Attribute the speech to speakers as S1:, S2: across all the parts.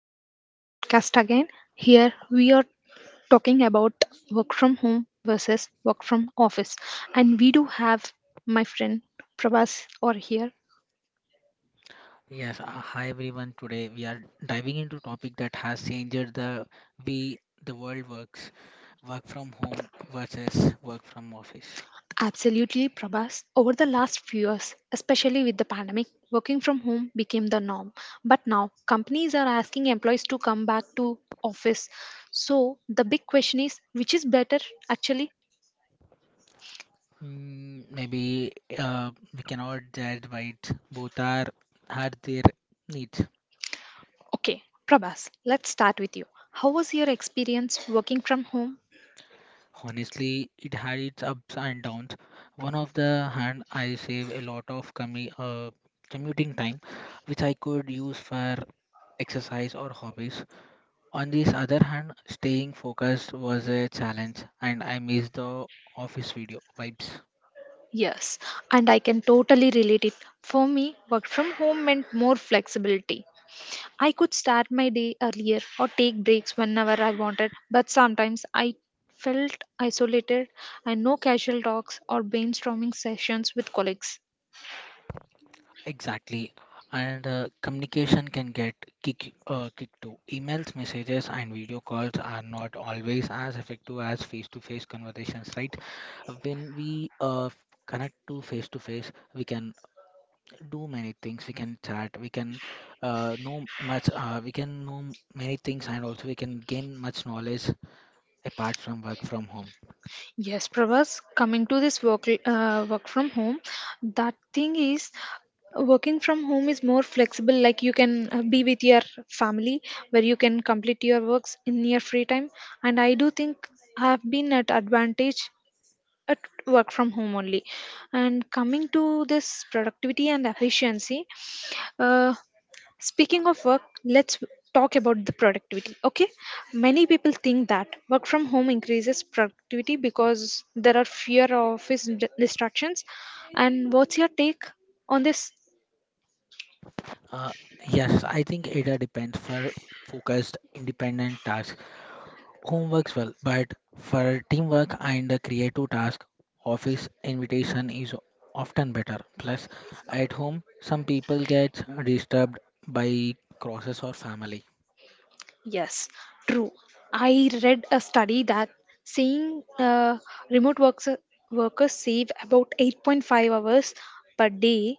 S1: back to our podcast again. Here we are talking about work from home versus work from office. And we do have my friend Prabhas or here.
S2: Yes, hi everyone. Today we are diving into a topic that has changed the way the world works, work from home versus work from office.
S1: Absolutely, Prabhas. Over the last few years, especially with the pandemic, working from home became the norm. But now companies are asking employees to come back to office. So the big question is, which is better actually?
S2: Maybe uh, we cannot judge by it. Both are had their needs.
S1: Okay, Prabhas, let's start with you. How was your experience working from home?
S2: Honestly, it had its ups and downs. One of the hand, I save a lot of commuting time, which I could use for exercise or hobbies. On this other hand, staying focused was a challenge, and I missed the office video vibes.
S1: Yes, and I can totally relate it. For me, work from home meant more flexibility. I could start my day earlier or take breaks whenever I wanted, but sometimes I felt isolated, and no casual talks or brainstorming sessions with colleagues.
S2: Exactly. And communication can get kick too. Emails, messages, and video calls are not always as effective as face-to-face conversations, right? When we connect to face-to-face, we can do many things. We can chat. We can know much. We can know many things, and also we can gain much knowledge apart from work from home.
S1: Yes, Prabhas, coming to this work from home, that thing is, working from home is more flexible, like you can be with your family, where you can complete your works in your free time, and I do think I have been at advantage at work from home only. And coming to this productivity and efficiency, uh, speaking of work, let's talk about the productivity. Okay, many people think that work from home increases productivity because there are fewer distractions. And what's your take on this?
S2: Uh, yes, I think ADA depends for focused independent tasks. Home works well, but for teamwork and the creative task, office invitation is often better. Plus, at home, some people get disturbed by crosses or family.
S1: Yes, true. I read a study that saying remote works, workers save about 8.5 hours per day,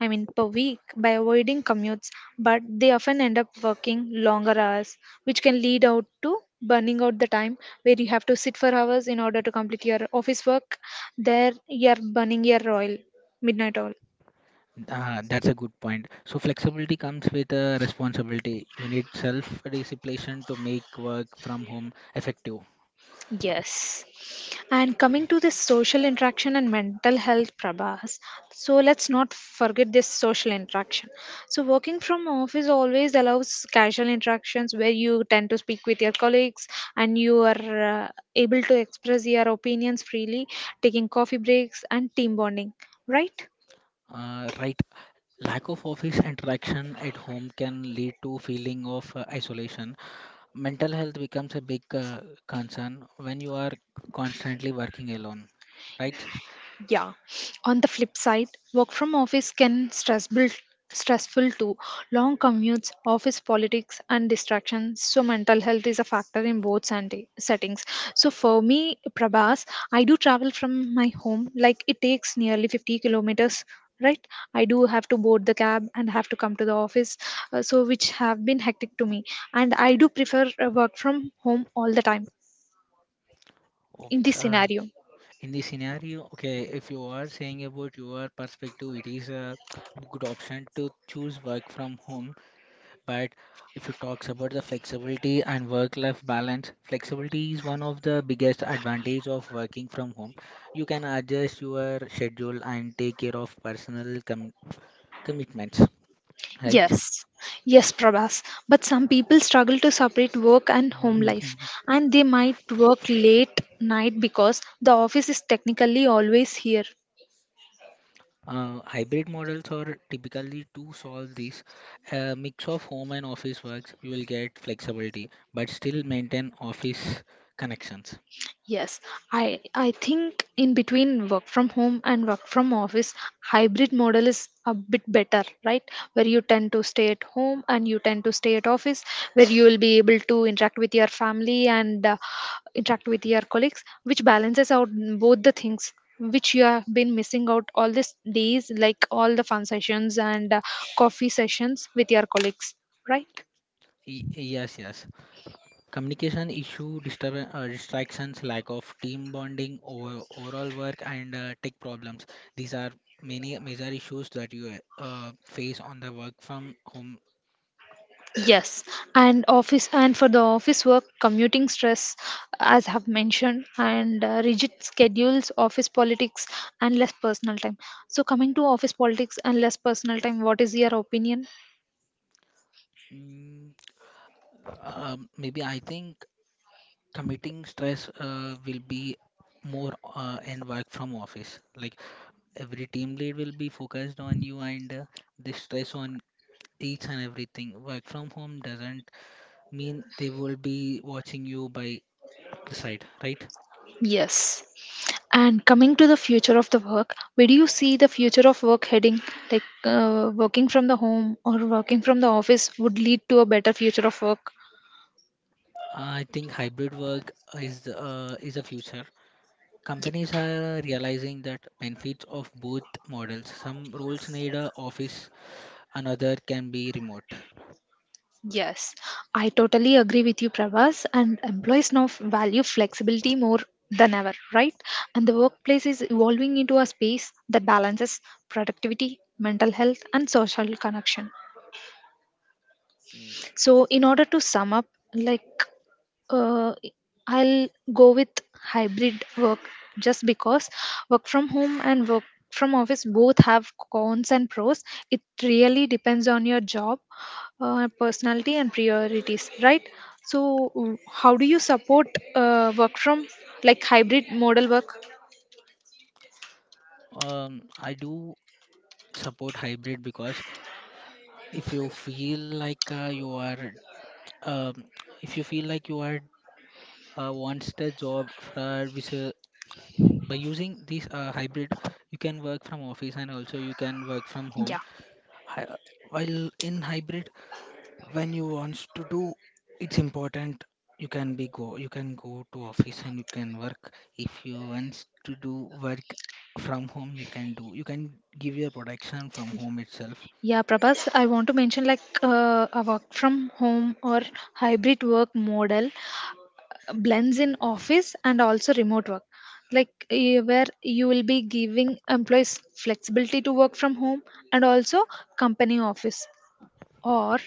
S1: I mean per week, by avoiding commutes, but they often end up working longer hours, which can lead out to burning out the time where you have to sit for hours in order to complete your office work. There, you are burning your oil, midnight oil.
S2: That's a good point. So flexibility comes with a responsibility. You need self-discipline to make work from home effective.
S1: Yes. And coming to this social interaction and mental health, Prabhas. So let's not forget this social interaction. So working from office always allows casual interactions, where you tend to speak with your colleagues and you are able to express your opinions freely, taking coffee breaks and team bonding, right?
S2: Right. Lack of office interaction at home can lead to feeling of isolation. Mental health becomes a big concern when you are constantly working alone, right?
S1: Yeah. On the flip side, work from office can stressful too. Long commutes, office politics, and distractions. So mental health is a factor in both settings. So for me, Prabhas, I do travel from my home, like it takes nearly 50 kilometers, right? I do have to board the cab and have to come to the office, so which have been hectic to me, and I do prefer work from home all the time in this
S2: Oops,
S1: scenario.
S2: in this scenario, okay, if you are saying about your perspective, it is a good option to choose work from home. But if you talks about the flexibility and work-life balance, flexibility is one of the biggest advantage of working from home. You can adjust your schedule and take care of commitments, right?
S1: Yes, yes, Prabhas. But some people struggle to separate work and home life,
S2: Mhm.
S1: and they might work late night because the office is technically always here.
S2: Hybrid models are typically to solve this mix of home and office works. You will get flexibility, but still maintain office connections.
S1: Yes, I think in between work from home and work from office, hybrid model is a bit better, right? Where you tend to stay at home and you tend to stay at office, where you will be able to interact with your family and interact with your colleagues, which balances out both the things, which you have been missing out all these days, like all the fun sessions and coffee sessions with your colleagues, right?
S2: Y- yes, yes. Communication issue, distractions, lack of team bonding, overall work, and tech problems. These are many major issues that you face on the work from home.
S1: Yes, and office, and for the office work, commuting stress, as I have mentioned, and rigid schedules, office politics, and less personal time. So, coming to office politics and less personal time, what is your opinion?
S2: Mm, Maybe I think committing stress will be more in work from office. Like every team lead will be focused on you and the stress on each and everything. Work from home doesn't mean they will be watching you by the side, right?
S1: Yes, and coming to the future of the work, where do you see the future of work heading? Like working from the home or working from the office would lead to a better future of work.
S2: I think hybrid work is a future. Companies are realizing that benefits of both models. Some roles need a office, another can be remote.
S1: Yes, I totally agree with you, Pravas. And employees now value flexibility more than ever, right? And the workplace is evolving into a space that balances productivity, mental health, and social connection. So, in order to sum up, like uh, I'll go with hybrid work just because work from home and work from office both have cons and pros. It really depends on your job, personality, and priorities, right? So, how do you support work from, like, hybrid model work?
S2: I do support hybrid because if you feel like you are, um, if you feel like you are wants the job for which by using this hybrid, you can work from office and also you can work from home.
S1: Yeah.
S2: Hi- uh, While in hybrid, when you wants to do, it's important you can be go you can go to office and you can work. If you wants to do work from home, you can do you can give your production from home itself.
S1: Yeah, Prabhas, I want to mention like a work from home or hybrid work model blends in office and also remote work, like where you will be giving employees flexibility to work from home and also company office or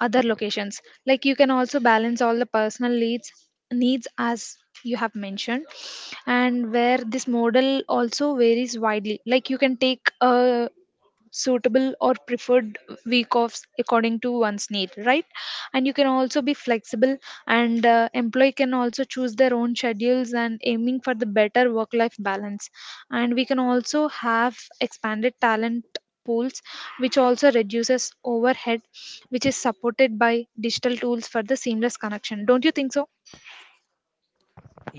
S1: other locations, like you can also balance all the personal needs, as you have mentioned. And where this model also varies widely, like you can take a suitable or preferred week offs according to one's need, right? And you can also be flexible, and employee can also choose their own schedules and aiming for the better work life balance, and we can also have expanded talent pools, which also reduces overhead, which is supported by digital tools for the seamless connection, don't you think so?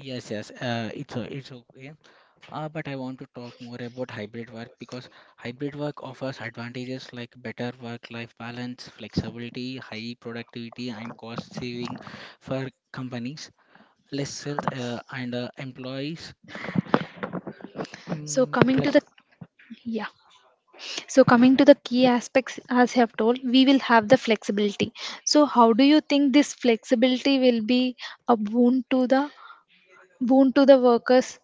S2: Yes, yes, it's it's okay. But I want to talk more about hybrid work because hybrid work offers advantages like better work-life balance, flexibility, high productivity, and cost saving for companies, less health and employees,
S1: So
S2: mm,
S1: coming to
S2: plus.
S1: the, yeah, so coming to the key aspects, as I have told, we will have the flexibility. So how do you think this flexibility will be a boon to the workers?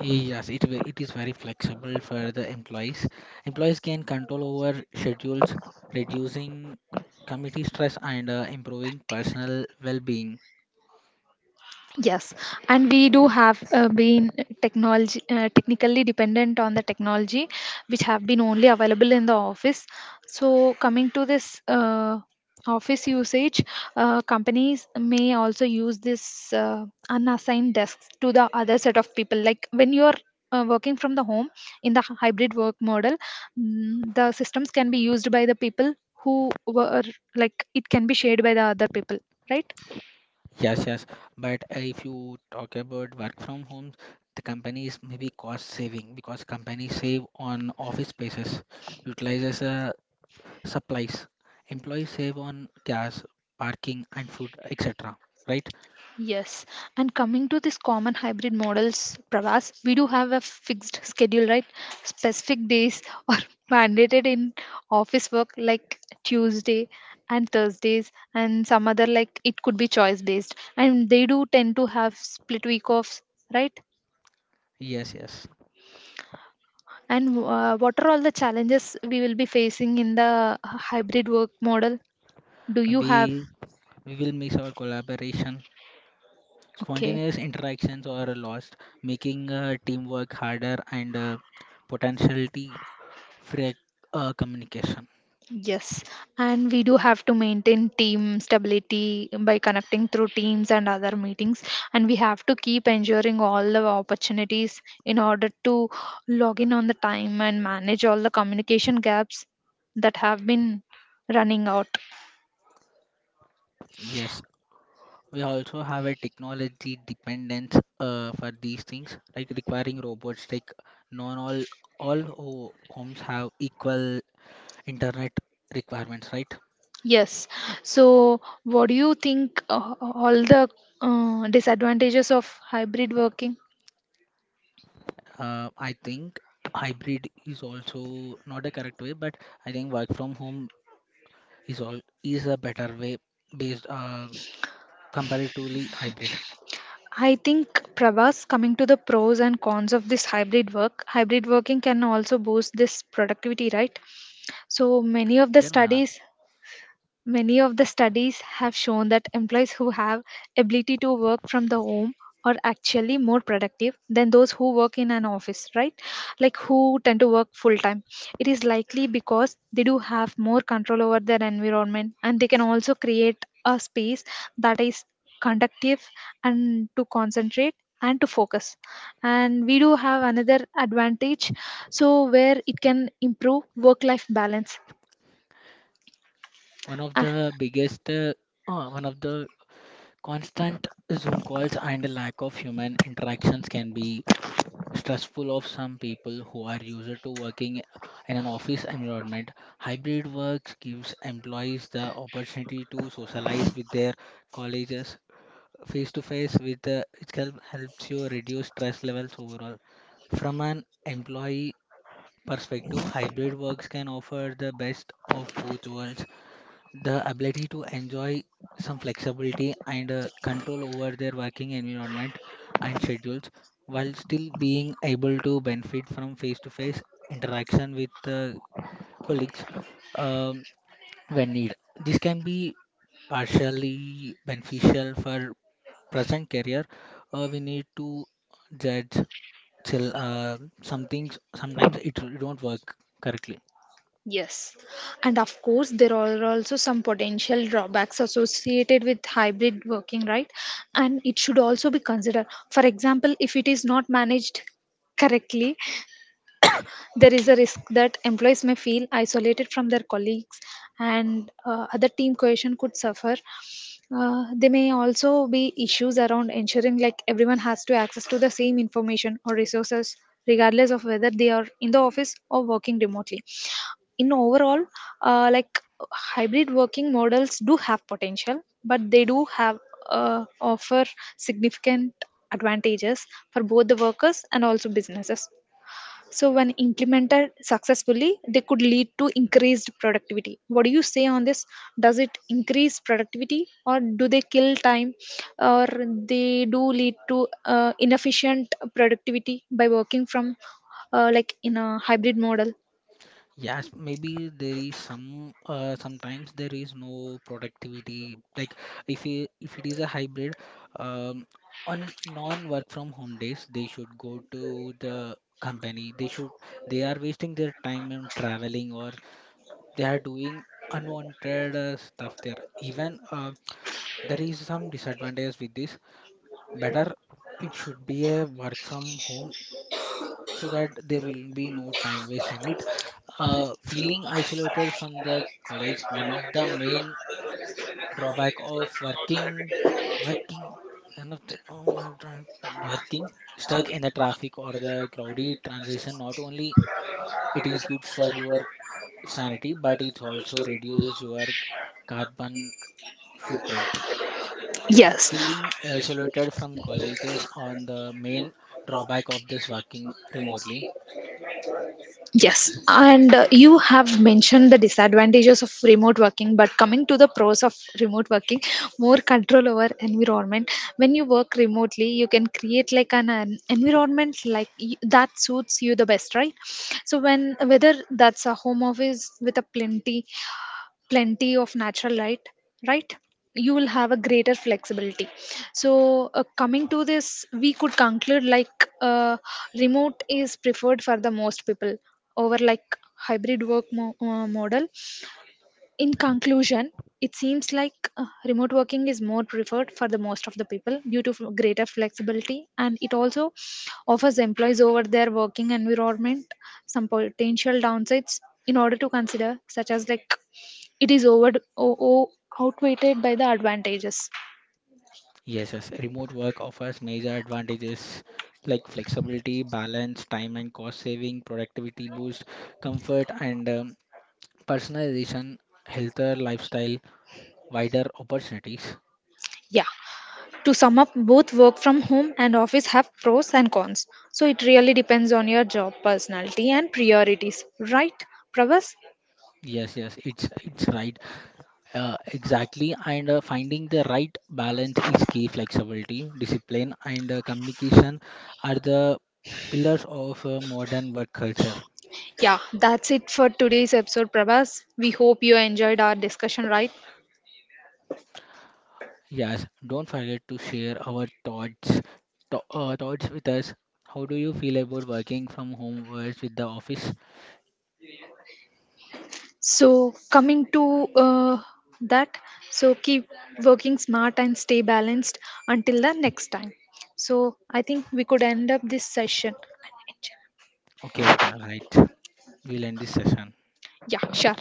S2: Yes, it is very flexible for the employees. Employees can control over schedules, reducing committee stress and improving personal well-being.
S1: Yes, and we do have been technology technically dependent on the technology, which have been only available in the office. So coming to this office usage, companies may also use this unassigned desks to the other set of people. Like when you are working from the home in the hybrid work model, mm, the systems can be used by the people who were, like it can be shared by the other people, right?
S2: Yes, yes. But if you talk about work from home, the companies maybe cost saving because companies save on office spaces, utilizes supplies. Employees save on gas, parking, and food, etc. Right?
S1: Yes, and coming to this common hybrid models, Pravas, we do have a fixed schedule, right? Specific days are mandated in office work, like Tuesday and Thursdays, and some other, like it could be choice based, and they do tend to have split week offs, right?
S2: Yes, yes.
S1: And what are all the challenges we will be facing in the hybrid work model? Do you have?
S2: Maybe we will miss our collaboration.
S1: Okay.
S2: Spontaneous interactions are lost, making teamwork harder and potentially frag communication.
S1: Yes, and we do have to maintain team stability by connecting through teams and other meetings, and we have to keep ensuring all the opportunities in order to log in on the time and manage all the communication gaps that have been running out.
S2: Yes, we also have a technology dependence for these things, like requiring robots. Like non all homes have equal internet requirements, right?
S1: Yes, so what do you think, all the disadvantages of hybrid working?
S2: I think hybrid is also not a correct way, but I think work from home is a better way based comparatively hybrid.
S1: I think Prabhas, coming to the pros and cons of this hybrid work, hybrid working can also boost this productivity, right? So many of the
S2: Then
S1: studies, many of the studies have shown that employees who have ability to work from the home are actually more productive than those who work in an office, right? Like who tend to work full time. It is likely because they do have more control over their environment, and they can also create a space that is conductive and to concentrate and to focus. And we do have another advantage, so where it can improve work life balance.
S2: one of
S1: Ah,
S2: the biggest, uh, one of the constant Zoom calls and the lack of human interactions can be stressful of some people who are used to working in an office environment. Hybrid work gives employees the opportunity to socialize with their colleagues face to face with helps you reduce stress levels overall. From an employee perspective, hybrid works can offer the best of both worlds, the ability to enjoy some flexibility and control over their working environment and schedules, while still being able to benefit from face to face interaction with colleagues um, when needed. This can be partially beneficial for present career. We need to judge till some things sometimes it don't work correctly.
S1: yes. And of course, there are also some potential drawbacks associated with hybrid working, right? And it should also be considered. For example, if it is not managed correctly, there is a risk that employees may feel isolated from their colleagues, and other team cohesion could suffer. There may also be issues around ensuring like everyone has to access to the same information or resources, regardless of whether they are in the office or working remotely. In overall, uh, like hybrid working models do have potential, but they do have offer significant advantages for both the workers and also businesses. So when implemented successfully, they could lead to increased productivity. What do you say on this? Does it increase productivity, or do they kill time, or they do lead to inefficient productivity by working from, like, in a hybrid model?
S2: Yes, maybe there is some sometimes there is no productivity. Like if it is a hybrid, um, on non work from home days, they should go to the company. They are wasting their time on traveling or they are doing unwanted stuff there. Even there is some disadvantages with this. Better it should be a work from home so that there will be no time waste in it. Feeling isolated from the college, one of the main drawback of working, working, and of the, oh my God, working stuck in the traffic or the crowded transition. Not only it is good for your sanity, but it also reduces your carbon footprint.
S1: Yes.
S2: Feeling isolated from colleges on the main drawback of this working remotely.
S1: Yes,
S2: So
S1: and you have mentioned the disadvantages of remote working, but coming to the pros of remote working, more control over environment. When you work remotely, you can create like an environment like that suits you the best, right? So when, whether that's a home office with a plenty of natural light, right? You will have a greater flexibility. So coming to this, we could conclude like remote is preferred for the most people over, like, hybrid model. In conclusion, it seems like remote working is more preferred for the most of the people due to greater flexibility, and it also offers employees over their working environment. Some potential downsides in order to consider, such as like it is over o- outweighed by the advantages.
S2: yes, yes. Remote work offers major advantages like flexibility, balance, time and cost saving, productivity boost, comfort, and personalization, healthier lifestyle, wider opportunities.
S1: Yeah, to sum up, both work from home and office have pros and cons. So it really depends on your job, personality, and priorities, right, Pravas?
S2: Yes, yes, it's right. Exactly, and finding the right balance is key. Flexibility, discipline, and communication are the pillars of modern work culture.
S1: Yeah, that's it for today's episode, Prabhas. We hope you enjoyed our discussion, right?
S2: Yes, don't forget to share our thoughts thoughts with us. How do you feel about working from home versus with the office?
S1: So, coming to that, so keep working smart and stay balanced until the next time. So, I think we could end up this session.
S2: Okay, okay, all right. We'll end this session.
S1: Yeah, sure.